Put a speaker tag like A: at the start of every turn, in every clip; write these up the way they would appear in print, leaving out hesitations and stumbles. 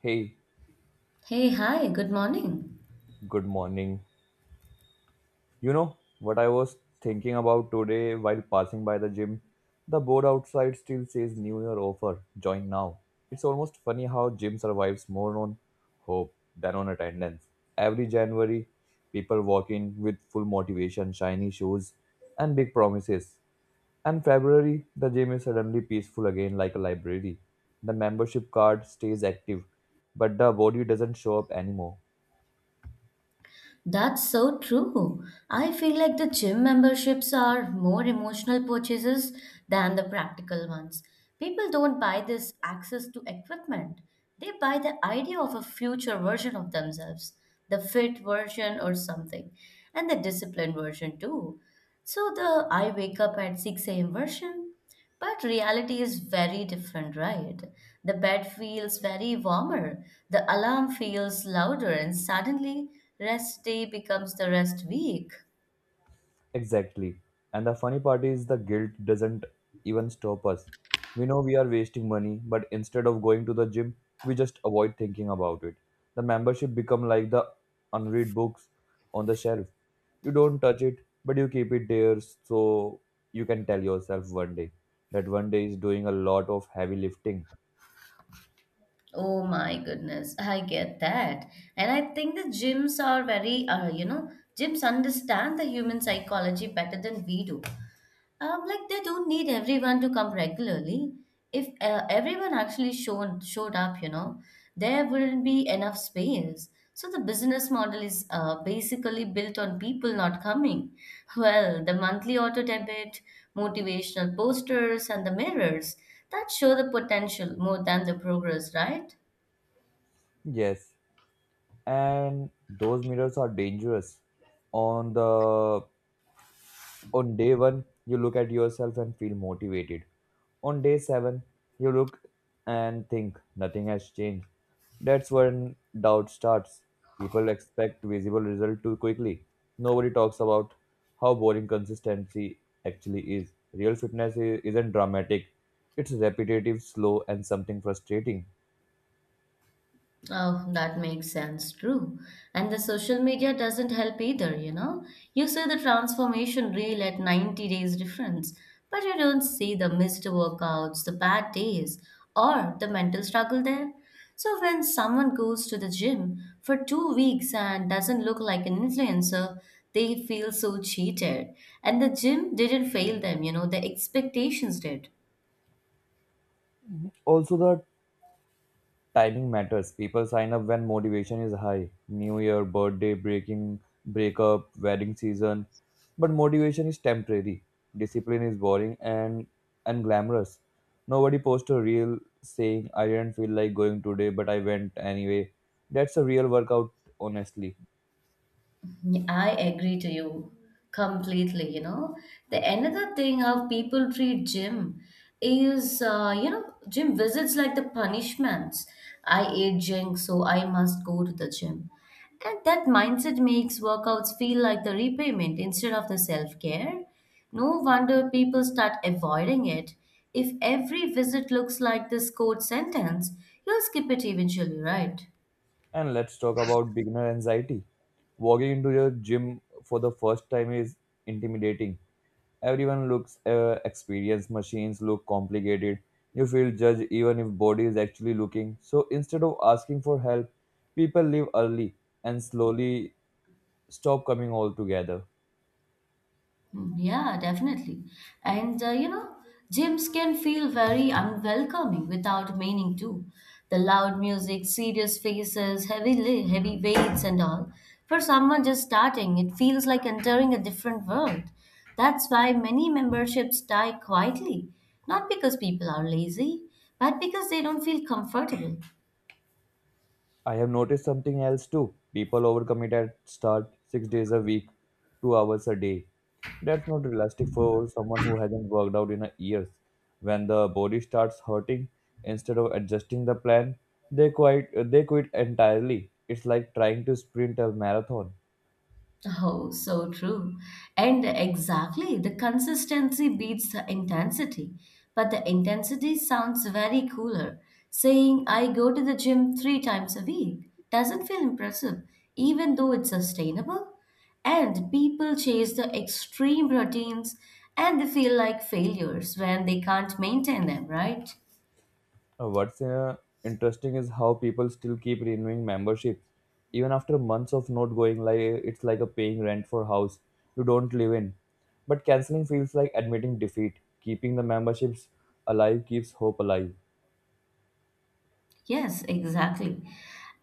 A: Hey,
B: Hey, hi, good morning.
A: good morning. You know what I was thinking about today while passing by the gym? The board outside still says New Year offer, join now. It's almost funny how gym survives more on hope than on attendance. Every January, people walk in with full motivation, shiny shoes, and big promises. And February, the gym is suddenly peaceful again like a library. The membership card stays active, but the body doesn't show up anymore.
B: That's so true. I feel like the gym memberships are more emotional purchases than the practical ones. People don't buy this access to equipment, they buy the idea of a future version of themselves, the fit version or something, and the disciplined version too. So the I wake up at 6 a.m. version, but reality is very different, right? The bed feels very warmer, the alarm feels louder, and suddenly rest day becomes the rest week.
A: Exactly. And the funny part is the guilt doesn't even stop us. We know we are wasting money, but instead of going to the gym, we just avoid thinking about it. The membership become like the unread books on the shelf. You don't touch it, but you keep it there so you can tell yourself one day, that one day is doing a lot of heavy lifting.
B: Oh my goodness, I get that. And I think the gyms are very, gyms understand the human psychology better than we do. Like they don't need everyone to come regularly. If everyone actually shown showed up, you know, there wouldn't be enough space. So the business model is basically built on people not coming. Well, the monthly auto debit, motivational posters, and the mirrors that show the potential more than the progress, right?
A: Yes, and those mirrors are dangerous. On the on day 1, you look at yourself and feel motivated. On day 7, you look and think nothing has changed. That's when doubt starts. People expect visible result too quickly. Nobody talks about how boring consistency actually is. Real fitness isn't dramatic. It's repetitive, slow, and something frustrating.
B: Oh, that makes sense. True. And the social media doesn't help either, you know. You see the transformation reel at 90 days difference, but you don't see the missed workouts, the bad days, or the mental struggle there. So when someone goes to the gym for 2 weeks and doesn't look like an influencer, they feel so cheated. And the gym didn't fail them, you know, the expectations did.
A: Also, the timing matters. People sign up when motivation is high. New year, birthday, breaking breakup, wedding season. But motivation is temporary. Discipline is boring and unglamorous. Nobody posts a reel saying I didn't feel like going today but I went anyway. That's a real workout honestly.
B: I agree to you completely. You know, the another thing how people treat gym is, gym visits like the punishments. I ate junk, so I must go to the gym. And that mindset makes workouts feel like the repayment instead of the self care. No wonder people start avoiding it. If every visit looks like this code sentence, you'll skip it eventually, right?
A: And let's talk about beginner anxiety. Walking into your gym for the first time is intimidating. Everyone looks experienced, machines look complicated. You feel judged even if body is actually looking. So instead of asking for help, people leave early and slowly stop coming altogether.
B: Mm, yeah, definitely. And you know, gyms can feel very unwelcoming without meaning to. The loud music, serious faces, heavy weights and all. For someone just starting, it feels like entering a different world. That's why many memberships die quietly, not because people are lazy, but because they don't feel comfortable.
A: I have noticed something else too. People overcommit at start six days a week, 2 hours a day. That's not realistic for someone who hasn't worked out in a years. When the body starts hurting, instead of adjusting the plan, they quit. They quit entirely. It's like trying to sprint a marathon.
B: Oh, so true. And exactly, the consistency beats the intensity. But the intensity sounds very cooler. Saying I go to the gym three times a week doesn't feel impressive, even though it's sustainable. And people chase the extreme routines and they feel like failures when they can't maintain them, right?
A: What's interesting is how people still keep renewing memberships even after months of not going. Like it's like a paying rent for a house you don't live in. But canceling feels like admitting defeat. Keeping the memberships alive keeps hope alive.
B: Yes, exactly.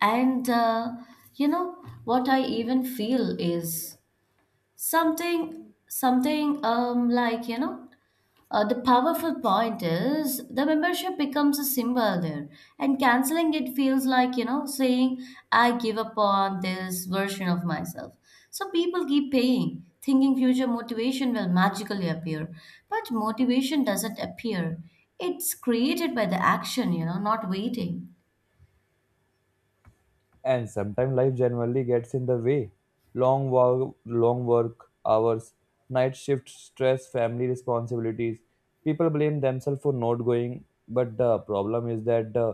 B: And you know, what I even feel is something the powerful point is the membership becomes a symbol there, and canceling it feels like, you know, saying, I give up on this version of myself. So people keep paying, thinking future motivation will magically appear. But motivation doesn't appear, it's created by the action, you know, not waiting.
A: And sometimes life generally gets in the way, long work hours, night shift stress, family responsibilities. People blame themselves for not going, but the problem is that the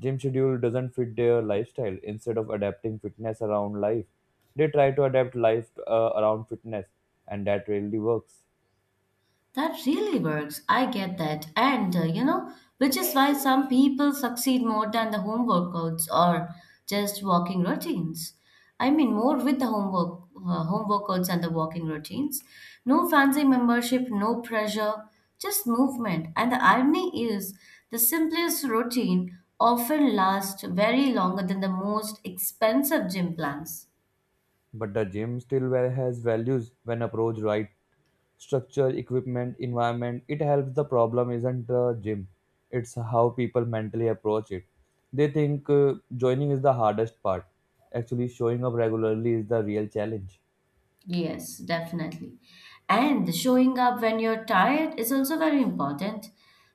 A: gym schedule doesn't fit their lifestyle. Instead of adapting fitness around life, they try to adapt life around fitness, and that really works.
B: That really works. I get that. And, you know, which is why some people succeed more than the home workouts or just walking routines. I mean, more with the home workouts and the walking routines. No fancy membership, no pressure, just movement. And the irony is, the simplest routine often lasts very longer than the most expensive gym plans.
A: But the gym still well has values when approached right. Structure, equipment, environment, it helps. The problem isn't the gym, it's how people mentally approach it. They think joining is the hardest part. Actually, showing up regularly is the real challenge.
B: Yes, definitely. And showing up when you're tired is also very important.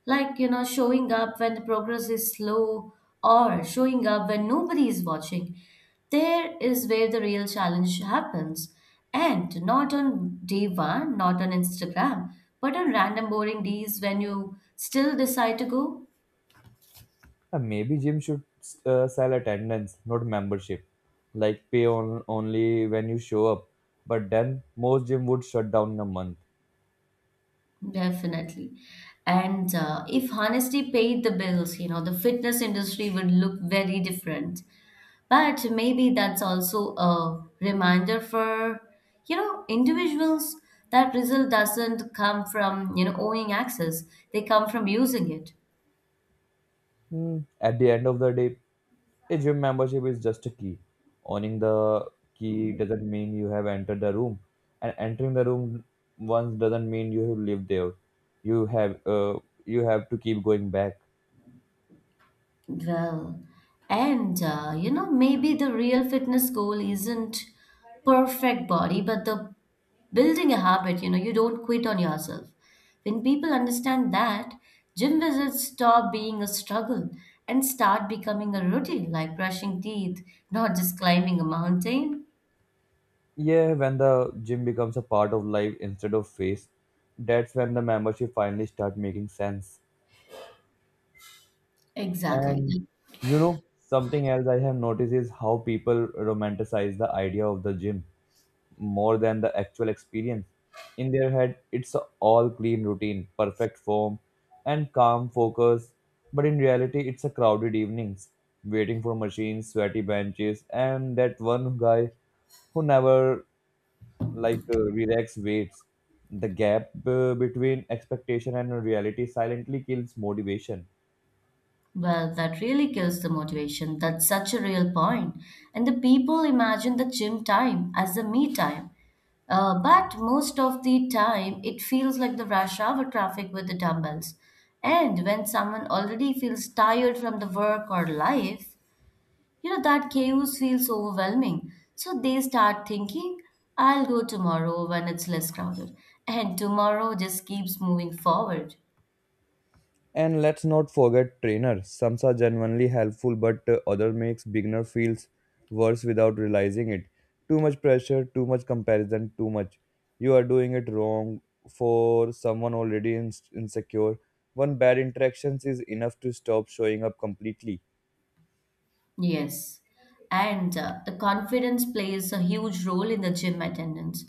B: Like, you know, showing up when the progress is slow or showing up when nobody is watching. There is where the real challenge happens. And not on day one, not on Instagram, but on random boring days when you still decide to go.
A: And maybe gym should sell attendance, not membership. Like pay on, only when you show up. But then most gym would shut down in a month.
B: Definitely. And if honesty paid the bills, you know, the fitness industry would look very different. But maybe that's also a reminder for, you know, individuals that result doesn't come from, you know, owning access. They come from using it.
A: Hmm. At the end of the day, a gym membership is just a key. Owning the key doesn't mean you have entered the room, and entering the room once doesn't mean you have lived there. You have uh, you have to keep going back.
B: Well, and you know, maybe the real fitness goal isn't perfect body, but the building a habit, you know, you don't quit on yourself. When people understand that, gym visits stop being a struggle and start becoming a routine, like brushing teeth, not just climbing a mountain.
A: Yeah, when the gym becomes a part of life instead of phase, that's when the membership finally start making sense.
B: Exactly.
A: And you know, something else I have noticed is how people romanticize the idea of the gym more than the actual experience. In their head, it's a all clean routine, perfect form, and calm focus. But in reality, it's a crowded evenings, waiting for machines, sweaty benches, and that one guy who never like relax waits. The gap between expectation and reality silently kills motivation.
B: Well, that really kills the motivation. That's such a real point. And the people imagine the gym time as the me time. But most of the time, it feels like the rush hour traffic with the dumbbells. And when someone already feels tired from the work or life, you know, that chaos feels overwhelming. So they start thinking, I'll go tomorrow when it's less crowded. And tomorrow just keeps moving forward.
A: And let's not forget trainers. Some are genuinely helpful, but other makes beginner feels worse without realizing it. Too much pressure, too much comparison, too much. You are doing it wrong for someone already insecure. One bad interactions is enough to stop showing up completely.
B: Yes. And the confidence plays a huge role in the gym attendance.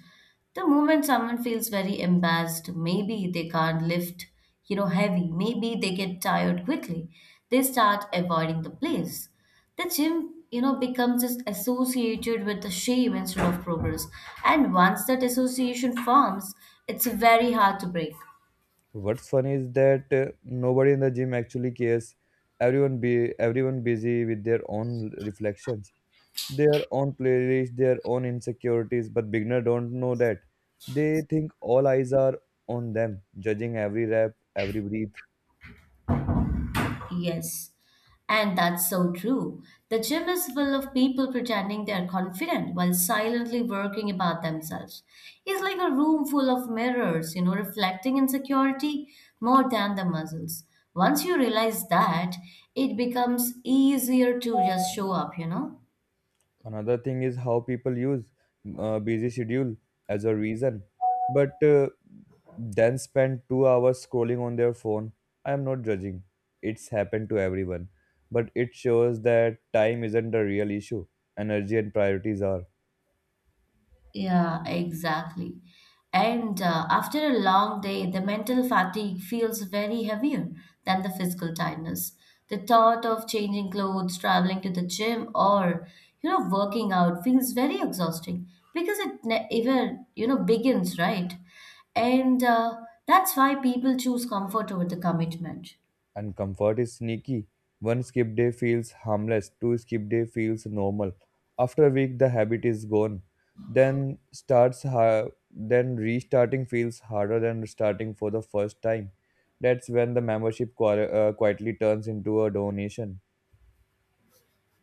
B: The moment someone feels very embarrassed, maybe they can't lift, you know, heavy, maybe they get tired quickly, they start avoiding the place. The gym, you know, becomes just associated with the shame instead of progress. And once that association forms, it's very hard to break.
A: What's funny is that nobody in the gym actually cares. Everyone busy with their own reflections, their own playlist, their own insecurities, but beginner don't know that. They think all eyes are on them, judging every rap, every breath.
B: Yes, and that's so true. The gym is full of people pretending they're confident while silently working about themselves. It's like a room full of mirrors, you know, reflecting insecurity more than the muscles. Once you realize that, it becomes easier to just show up, you know.
A: Another thing is how people use busy schedule as a reason, but then spend 2 hours scrolling on their phone. I am not judging. It's happened to everyone, but it shows that time isn't the real issue. Energy and priorities are.
B: Yeah, exactly. And after a long day, the mental fatigue feels very heavier than the physical tiredness. The thought of changing clothes, traveling to the gym, or you know, working out feels very exhausting because even you know begins right, and that's why people choose comfort over the commitment.
A: And comfort is sneaky. One skip day feels harmless, two skip day feels normal. After a week the habit is gone. Then restarting feels harder than starting for the first time. That's when the membership quietly turns into a donation.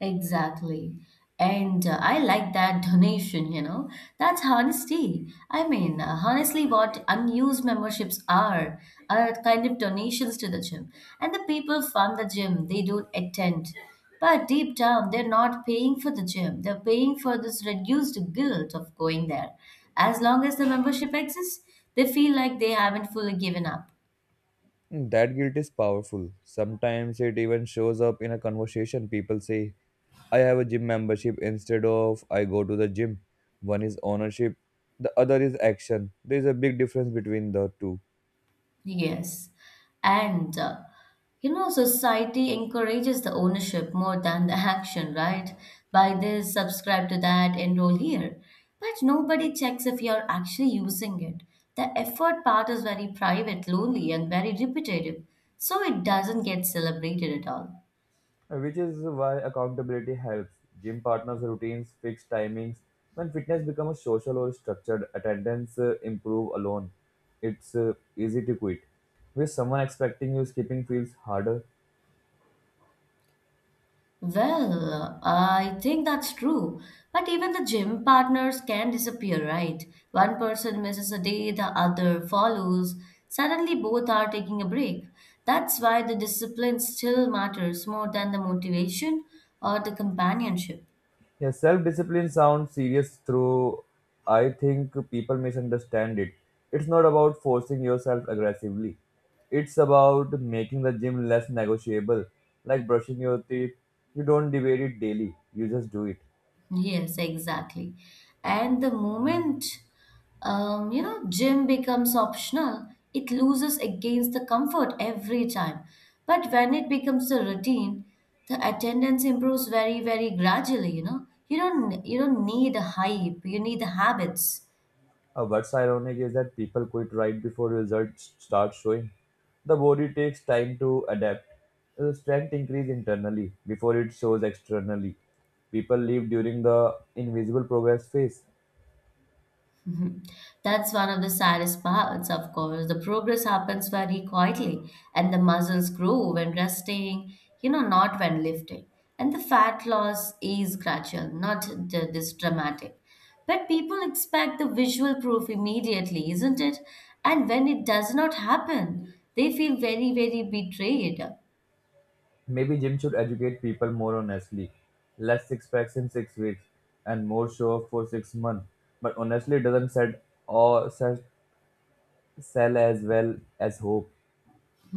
B: Exactly. And I like that donation, you know. That's honesty. I mean, honestly, what unused memberships are kind of donations to the gym. And the people fund the gym, they don't attend. But deep down, they're not paying for the gym. They're paying for this reduced guilt of going there. As long as the membership exists, they feel like they haven't fully given up.
A: Mm, that guilt is powerful. Sometimes it even shows up in a conversation. People say, I have a gym membership instead of I go to the gym. One is ownership, the other is action. There is a big difference between the two,
B: Yes. And you know, society encourages the ownership more than the action, right? Buy this, subscribe to that, enroll here. But nobody checks if you're actually using it. The effort part is very private, lonely, and very repetitive, so it doesn't get celebrated at all.
A: which is why accountability helps. Gym partners' routines, fixed timings. When fitness becomes social or structured, attendance improve alone. It's easy to quit. With someone expecting you, skipping feels harder.
B: Well, I think that's true. But even the gym partners can disappear, right? One person misses a day, the other follows. Suddenly, both are taking a break. That's why the discipline still matters more than the motivation or the companionship.
A: Yeah, self-discipline sounds serious through I think people misunderstand it. It's not about forcing yourself aggressively. It's about making the gym less negotiable, like brushing your teeth. You don't debate it daily, you just do it.
B: Yes, exactly. And the moment you know gym becomes optional, it loses against the comfort every time. But when it becomes a routine, the attendance improves very, very gradually, you know. You don't need a hype, you need the habits.
A: What's ironic is that people quit right before results start showing. The body takes time to adapt. Strength increase internally before it shows externally. People leave during the invisible progress phase.
B: Mhm. That's one of the saddest parts, of course. The progress happens very quietly, and the muscles grow when resting, you know, not when lifting. And the fat loss is gradual, not d- this dramatic. But people expect the visual proof immediately, isn't it? And when it does not happen, they feel very, very betrayed.
A: Maybe gym should educate people more honestly. Less six packs in 6 weeks and more show off for 6 months. But honestly, it doesn't sell as well as hope.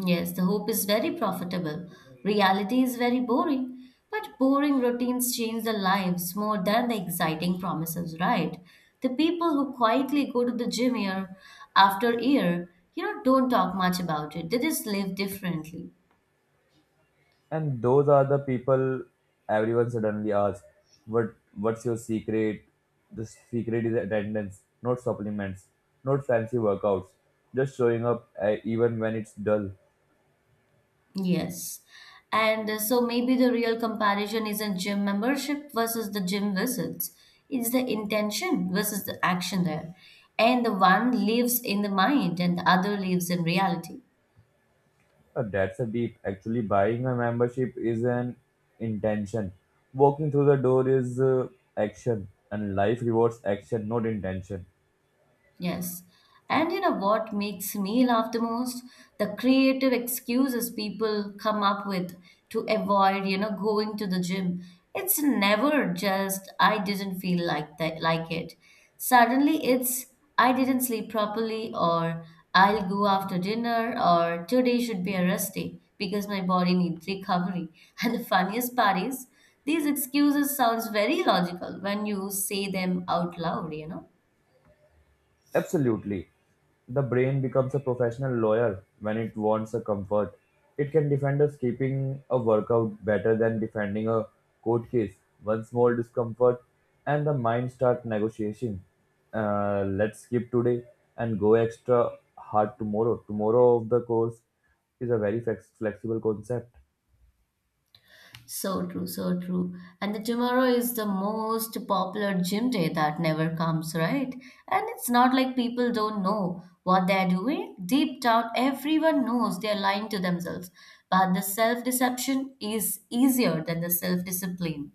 B: Yes, the hope is very profitable. Reality is very boring. But boring routines change the lives more than the exciting promises, right? The people who quietly go to the gym year after year, you know, don't talk much about it. They just live differently.
A: And those are the people everyone suddenly asks, "What? What's your secret?" The secret is attendance, not supplements, not fancy workouts, just showing up even when it's dull.
B: Yes. And so maybe the real comparison isn't gym membership versus the gym visits. It's the intention versus the action there. And the one lives in the mind and the other lives in reality.
A: That's a deep. Actually, buying a membership is an intention. Walking through the door is action, and life rewards action, not intention.
B: Yes. And you know what makes me laugh the most? The creative excuses people come up with to avoid, you know, going to the gym. It's never just I didn't feel like that like it. Suddenly it's I didn't sleep properly or I'll go after dinner or today should be a rest day because my body needs recovery. And the funniest part is these excuses sounds very logical when you say them out loud, you know.
A: Absolutely. The brain becomes a professional lawyer when it wants a comfort. It can defend us keeping a workout better than defending a court case. One small discomfort and the mind start negotiating. Let's skip today and go extra hard tomorrow. Tomorrow of the course is a very flexible concept.
B: So true, so true. And the tomorrow is the most popular gym day that never comes, right? And it's not like people don't know what they're doing. Deep down, everyone knows they're lying to themselves. But the self deception is easier than the self discipline.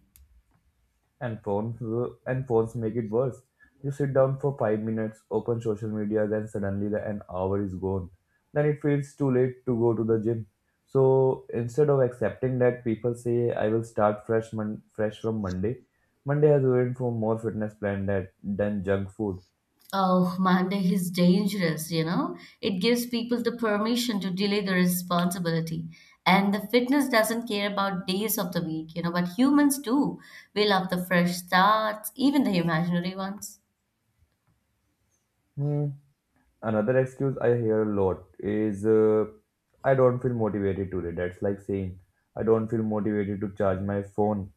A: And phones and phones make it worse. You sit down for 5 minutes, open social media, then suddenly the an hour is gone. Then it feels too late to go to the gym. So instead of accepting that, people say I will start fresh from Monday. Monday has ruined for more fitness plan that than junk food.
B: Oh, Monday is dangerous, you know? It gives people the permission to delay the responsibility. And the fitness doesn't care about days of the week, you know, but humans do. We love the fresh starts, even the imaginary ones.
A: Hmm. Another excuse I hear a lot is I don't feel motivated today. That's like saying I don't feel motivated to charge my phone,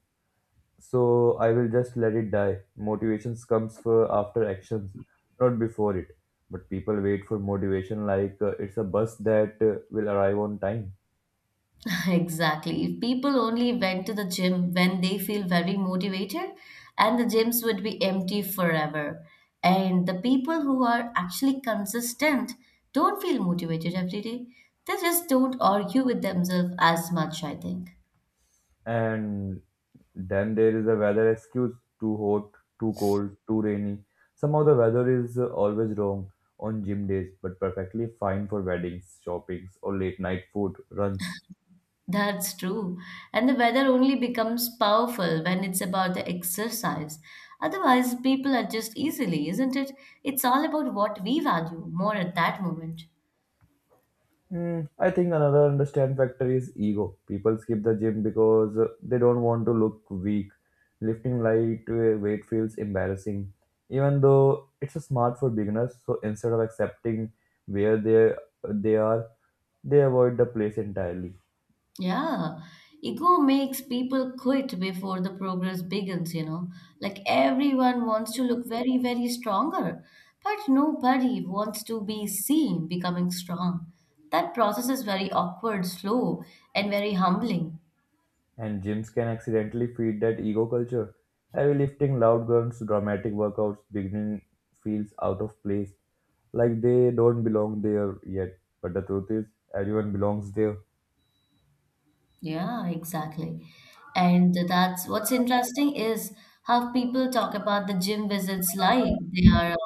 A: so I will just let it die. Motivations comes for after actions, not before it. But people wait for motivation like it's a bus that will arrive on time.
B: Exactly. If people only went to the gym when they feel very motivated, and the gyms would be empty forever. And the people who are actually consistent don't feel motivated every day. They just don't argue with themselves as much, I think.
A: And then there is a weather excuse, too hot, too cold, too rainy. Somehow the weather is always wrong on gym days, but perfectly fine for weddings, shoppings, or late night food runs.
B: That's true. And the weather only becomes powerful when it's about the exercise. Otherwise, people adjust easily, isn't it? It's all about what we value more at that moment.
A: Hmm, I think another understand factor is ego. People skip the gym because they don't want to look weak. Lifting light weight feels embarrassing, even though it's a smart for beginners. So instead of accepting where they are, they avoid the place entirely.
B: Yeah, ego makes people quit before the progress begins, you know. Like everyone wants to look very, very stronger, but nobody wants to be seen becoming strong. That process is very awkward, slow, and very humbling.
A: And gyms can accidentally feed that ego culture. Heavy lifting, loud grunts, dramatic workouts, beginning feels out of place, like they don't belong there yet. But the truth is, everyone belongs there.
B: Yeah, exactly. And that's what's interesting is how people talk about the gym visits like they are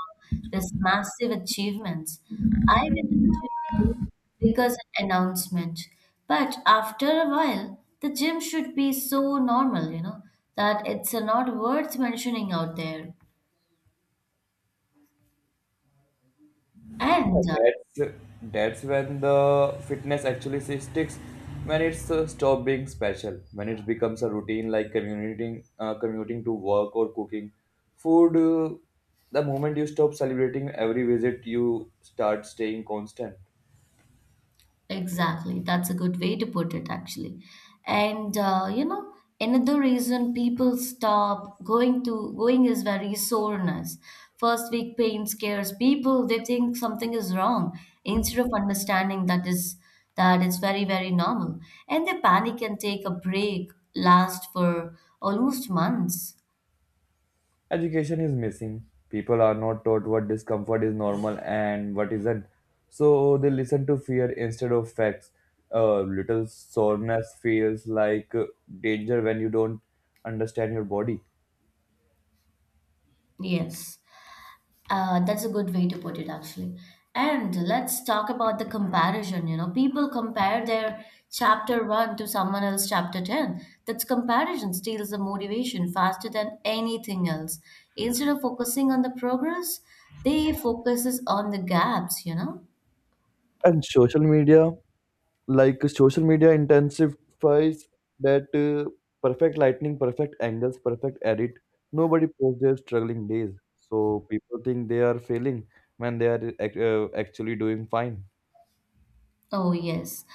B: this massive achievements. I went to the gym today because an announcement, but after a while, the gym should be so normal, you know, that it's not worth mentioning out there. And
A: that's that's when the fitness actually sticks, when it's stop being special, when it becomes a routine like commuting to work or cooking food. The moment you stop celebrating every visit you start staying constant.
B: Exactly. That's a good way to put it, actually. And uh, you know, Another reason people stop going to going is very soreness. First week pain scares people. They think something is wrong instead of understanding that is that it's very, very normal. And they panic and take a break, last for almost months.
A: Education is missing. People are not taught what discomfort is normal and what isn't. So they listen to fear instead of facts. A little soreness feels like danger when you don't understand your body.
B: Yes. That's a good way to put it, actually. And let's talk about the comparison. You know, people compare their chapter one to someone else chapter 10. That's comparison steals the motivation faster than anything else. Instead of focusing on the progress, they focuses on the gaps, you know?
A: And social media, like social media intensifies that perfect lightning, perfect angles, perfect edit. Nobody posts their struggling days. So people think they are failing when they are actually doing fine.
B: Oh yes,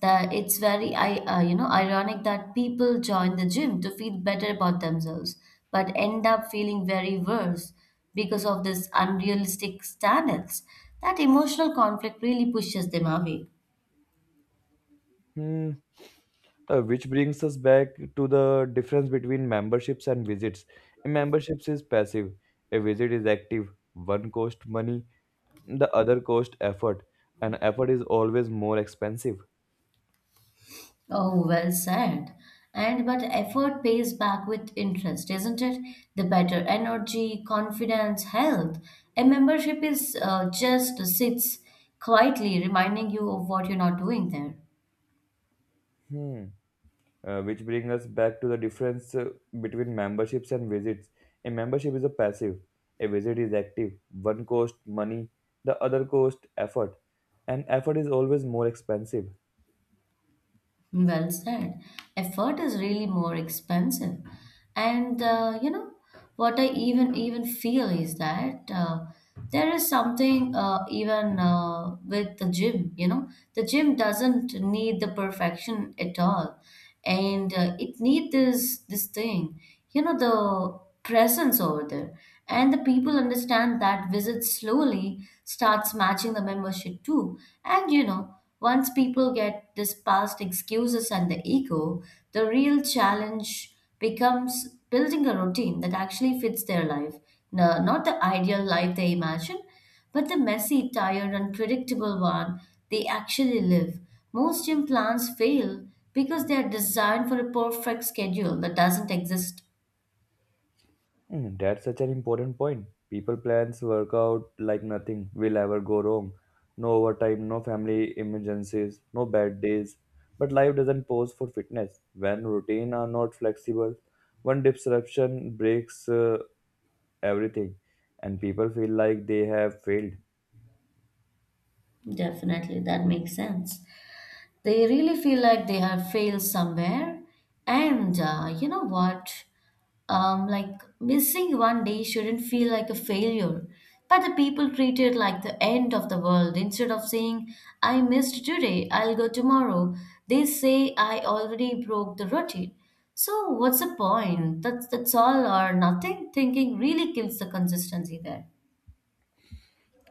B: that it's very I you know, ironic that people join the gym to feel better about themselves, but end up feeling very worse because of this unrealistic standards. That emotional conflict really pushes them away.
A: Hmm. Which brings us back to the difference between memberships and visits. A memberships is passive, a visit is active. One cost money, the other cost effort, and effort is always more expensive.
B: Oh, well said. And but effort pays back with interest, isn't it? The better energy, confidence, health. A membership is just sits quietly reminding you of what you're not doing there.
A: Hmm. Which brings us back to the difference between memberships and visits. A membership is a passive, a visit is active. One cost money, the other cost effort, and effort is always more expensive.
B: Well said. Effort is really more expensive. And You know what I even feel is that there is something, even with the gym, you know, the gym doesn't need the perfection at all. And it need this thing, you know, the presence over there. And the people understand that visit slowly starts matching the membership too. And you know, once people get this past excuses and the ego, the real challenge becomes building a routine that actually fits their life. No, not the ideal life they imagine, but the messy, tired, unpredictable one they actually live. Most gym plans fail because they are designed for a perfect schedule that doesn't exist.
A: Mm, that's such an important point. People plans work out like nothing will ever go wrong. No overtime, no family emergencies, no bad days. But life doesn't pause for fitness. When routine are not flexible, one disruption breaks everything, and people feel like they have failed.
B: Definitely, that makes sense. They really feel like they have failed somewhere. And You know what? Like missing one day shouldn't feel like a failure. But the people treat it like the end of the world. Instead of saying, I missed today, I'll go tomorrow, they say, I already broke the routine. So, what's the point? That's all or nothing. Thinking really kills the consistency there.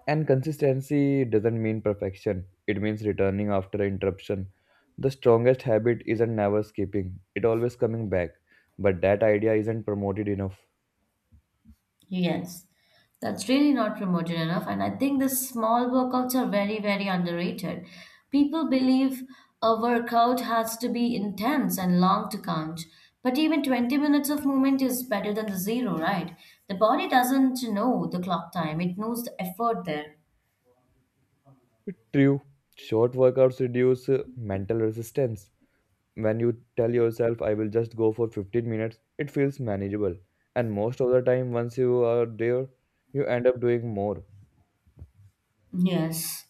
A: And consistency doesn't mean perfection. It means returning after an interruption. The strongest habit isn't never skipping. It always coming back. But that idea isn't promoted enough.
B: Yes, that's really not promoted enough. And I think the small workouts are very, very underrated. People believe a workout has to be intense and long to count. But even 20 minutes of movement is better than the zero, right? The body doesn't know the clock time, it knows the effort there.
A: True, short workouts reduce mental resistance. When you tell yourself, I will just go for 15 minutes, it feels manageable. And most of the time, once you are there, you end up doing more.
B: Yes,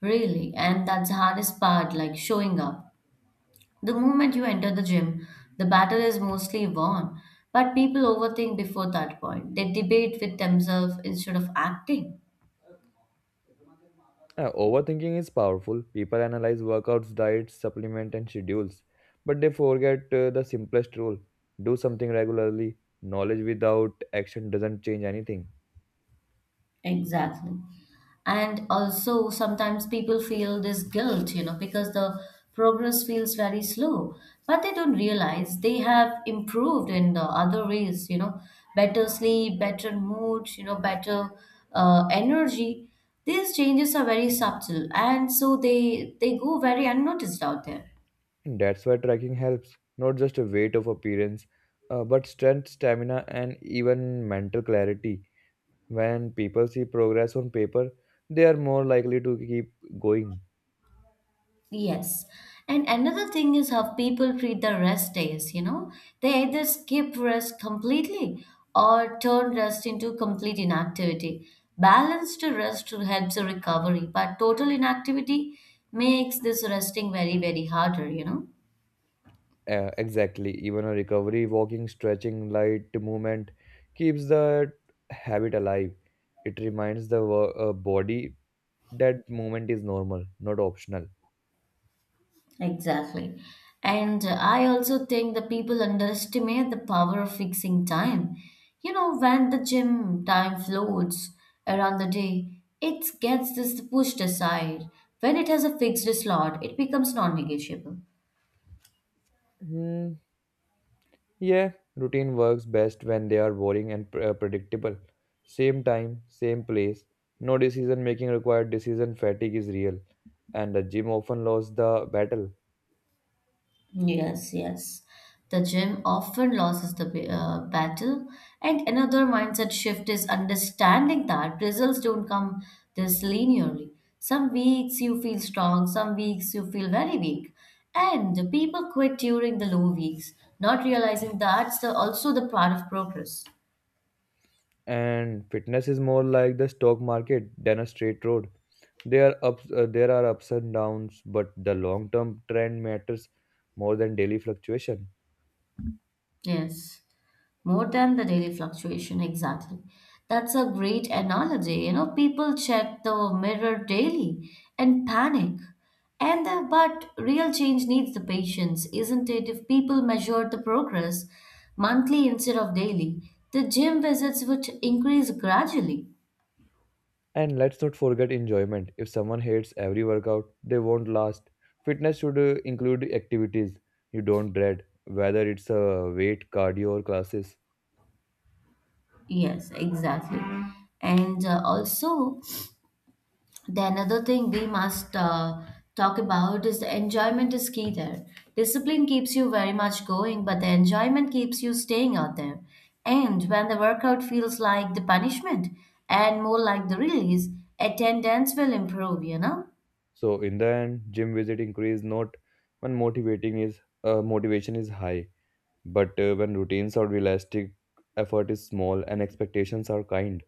B: really. And that's the hardest part, like showing up. The moment you enter the gym, the battle is mostly won, but people overthink before that point. They debate with themselves instead of acting.
A: Overthinking is powerful. People analyze workouts, diets, supplement, and schedules, but they forget the simplest rule do something regularly. Knowledge without action doesn't change anything.
B: Exactly. And also, sometimes people feel this guilt, you know, because the progress feels very slow, but they don't realize they have improved in the other ways, you know, better sleep, better mood, you know, better energy. These changes are very subtle, and so they go very unnoticed out there.
A: And that's why tracking helps, not just a weight of appearance, but strength, stamina, and even mental clarity. When people see progress on paper, they are more likely to keep going.
B: Yes. And another thing is how people treat the rest days, you know? They either skip rest completely or turn rest into complete inactivity. Balanced rest helps the recovery, but total inactivity makes this resting very, very harder, you know?
A: Exactly, even a recovery, walking, stretching, light movement keeps the habit alive. It reminds the body that movement is normal, not optional.
B: Exactly. And I also think the people underestimate the power of fixing time. You know, when the gym time floats around the day, it gets this pushed aside. When it has a fixed slot, it becomes non-negotiable.
A: Hmm, yeah, routine works best when they are boring and predictable. Same time, same place, no decision making required, decision fatigue is real, and the gym often lost the battle.
B: Yes, yes. The gym often loses the battle. And another mindset shift is understanding that results don't come this linearly. Some weeks you feel strong, some weeks you feel very weak. And the people quit during the low weeks, not realizing that's the, also the part of progress.
A: And fitness is more like the stock market than a straight road. There are ups and downs, but the long term trend matters more than daily fluctuation.
B: Yes. More than the daily fluctuation, exactly. That's a great analogy. You know, people check the mirror daily and panic. And but real change needs the patience, isn't it? If people measured the progress monthly instead of daily, the gym visits would increase gradually.
A: And let's not forget enjoyment. If someone hates every workout, they won't last. Fitness should include activities you don't dread, whether it's a weight, cardio, or classes.
B: Yes, exactly. And Also, the another thing we must talk about is the enjoyment is key there. Discipline keeps you very much going, but the enjoyment keeps you staying out there. And when the workout feels like the punishment and more like the release, attendance will improve, you know?
A: So in the end, gym visit increase not when motivating is motivation is high, but when routines are realistic, effort is small, and expectations are kind.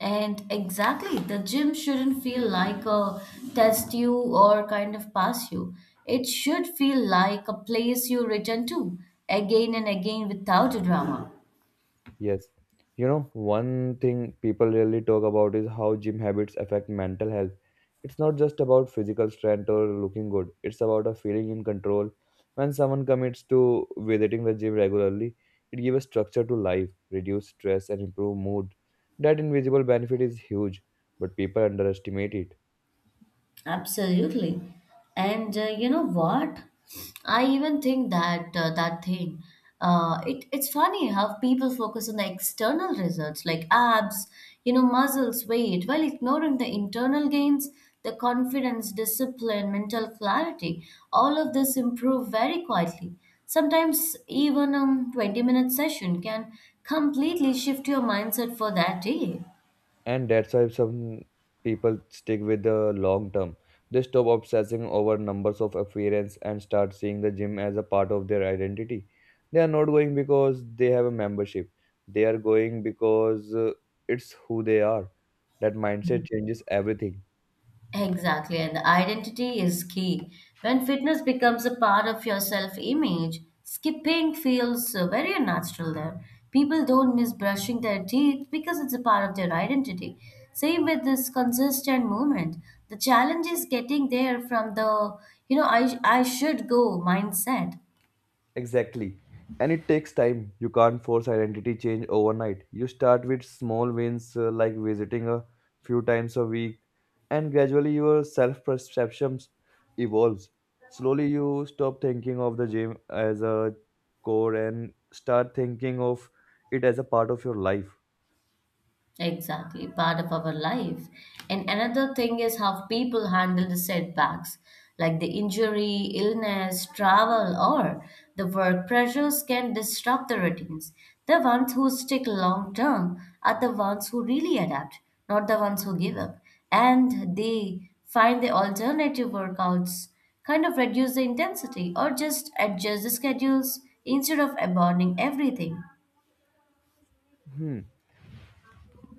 B: And exactly, the gym shouldn't feel like a test you or kind of pass you. It should feel like a place you return to again and again without a drama.
A: Yes. You know, one thing people really talk about is how gym habits affect mental health. It's not just about physical strength or looking good. It's about a feeling in control. When someone commits to visiting the gym regularly, it gives structure to life, reduce stress and improve mood. That invisible benefit is huge, but people underestimate it.
B: Absolutely. And You know what? I even think that it's funny how people focus on the external results like abs, you know, muscles, weight, while ignoring the internal gains, the confidence, discipline, mental clarity. All of this improve very quietly. Sometimes even a 20-minute minute session can completely shift your mindset for that day.
A: And that's why some people stick with the long term. They stop obsessing over numbers of appearance and start seeing the gym as a part of their identity. They are not going because they have a membership. They are going because it's who they are. That mindset changes everything.
B: Exactly, and identity is key. When fitness becomes a part of your self image, skipping feels very unnatural there. People don't miss brushing their teeth because it's a part of their identity. Same with this consistent movement. The challenge is getting there from the, you know, I should go mindset.
A: Exactly. And it takes time. You can't force identity change overnight. You start with small wins like visiting a few times a week, and gradually your self perceptions evolves. Slowly, you stop thinking of the gym as a core and start thinking of it as a part of your life.
B: Exactly, part of our life. And another thing is how people handle the setbacks, like the injury, illness, travel, or the work pressures can disrupt the routines. The ones who stick long term are the ones who really adapt, not the ones who give up. And they find the alternative workouts, kind of reduce the intensity, or just adjust the schedules instead of abandoning everything.
A: Hmm.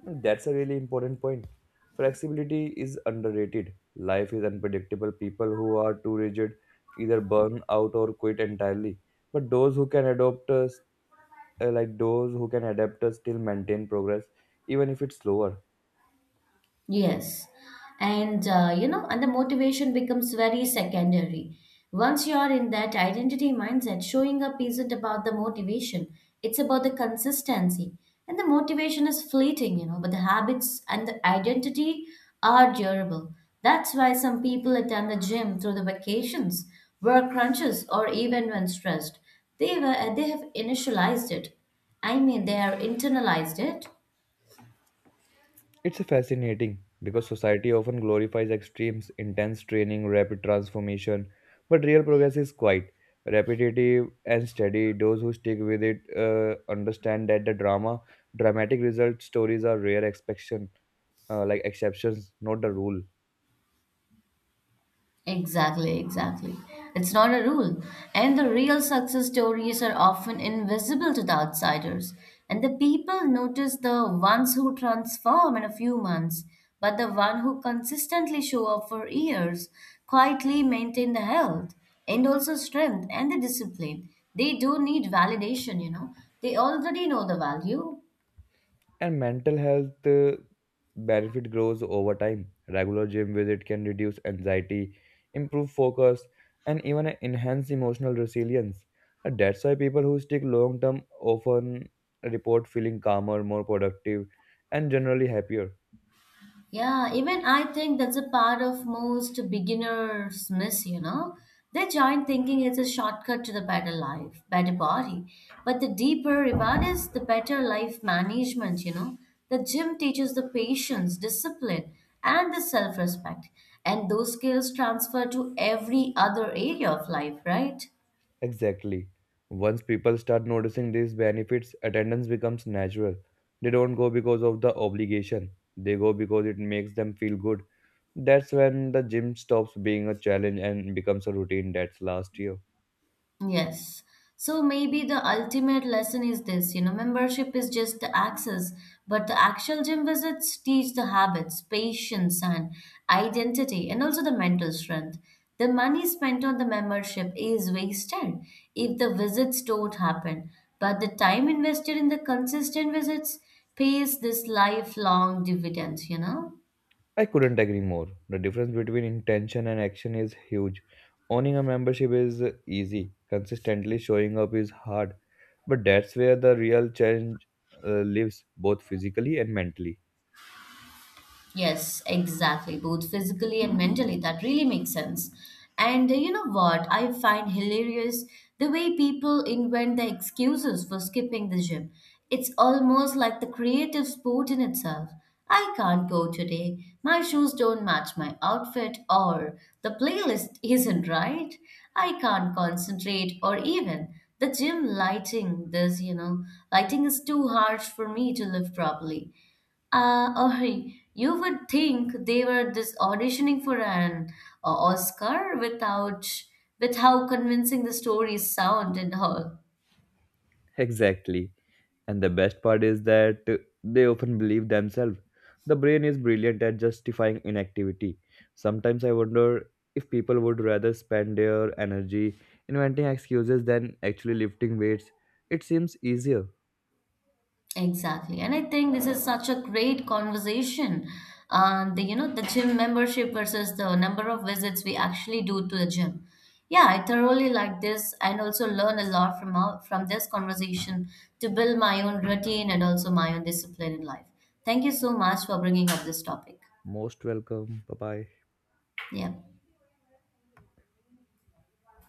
A: That's a really important point. Flexibility is underrated. Life is unpredictable. People who are too rigid either burn out or quit entirely. But those who can adapt us, still maintain progress, even if it's slower.
B: Yes. And You know, and the motivation becomes very secondary. Once you are in that identity mindset, showing up isn't about the motivation, it's about the consistency. And the motivation is fleeting, you know, but the habits and the identity are durable. That's why some people attend the gym through the vacations, work crunches, or even when stressed. They have initialized it. I mean, they are internalized it.
A: It's fascinating because society often glorifies extremes, intense training, rapid transformation, but real progress is quite repetitive and steady. Those who stick with it understand that dramatic result stories are rare exception, like exceptions, not the rule.
B: Exactly, exactly. It's not a rule. And the real success stories are often invisible to the outsiders. And the people notice the ones who transform in a few months, but the one who consistently show up for years, quietly maintain the health and also strength and the discipline. They do need validation, you know. They already know the value.
A: And mental health benefit grows over time. Regular gym visit can reduce anxiety, improve focus, and even enhance emotional resilience. And that's why people who stick long term often report feeling calmer, more productive, and generally happier.
B: Yeah, even I think that's a part of most beginners miss, you know. They join thinking it's a shortcut to the better life, better body. But the deeper reward is the better life management, you know. The gym teaches the patience, discipline, and the self respect. And those skills transfer to every other area of life, right?
A: Exactly. Once people start noticing these benefits, attendance becomes natural. They don't go because of the obligation. They go because it makes them feel good. That's when the gym stops being a challenge and becomes a routine that's last year.
B: Yes. So maybe the ultimate lesson is this, you know, membership is just the access, but the actual gym visits teach the habits, patience, and identity, and also the mental strength. The money spent on the membership is wasted if the visits don't happen, but the time invested in the consistent visits pays this lifelong dividends, you know?
A: I couldn't agree more. The difference between intention and action is huge. Owning a membership is easy, consistently showing up is hard, but that's where the real challenge lives, both physically and mentally.
B: Yes, exactly, both physically and mentally. That really makes sense. And You know what? I find hilarious the way people invent the excuses for skipping the gym. It's almost like the creative sport in itself. I can't go today. My shoes don't match my outfit, or the playlist isn't right. I can't concentrate, or even the gym lighting. This, you know, lighting is too harsh for me to live properly. Ori, you would think they were just auditioning for an Oscar without with how convincing the stories sound and all.
A: Exactly. And the best part is that they often believe themselves. The brain is brilliant at justifying inactivity. Sometimes I wonder if people would rather spend their energy inventing excuses than actually lifting weights. It seems easier.
B: Exactly. And I think this is such a great conversation. The, you know, the gym membership versus the number of visits we actually do to the gym. Yeah, I thoroughly like this and also learn a lot from from this conversation to build my own routine and also my own discipline in life. Thank you so much for bringing up this topic.
A: Most welcome. Bye bye.
B: Yeah.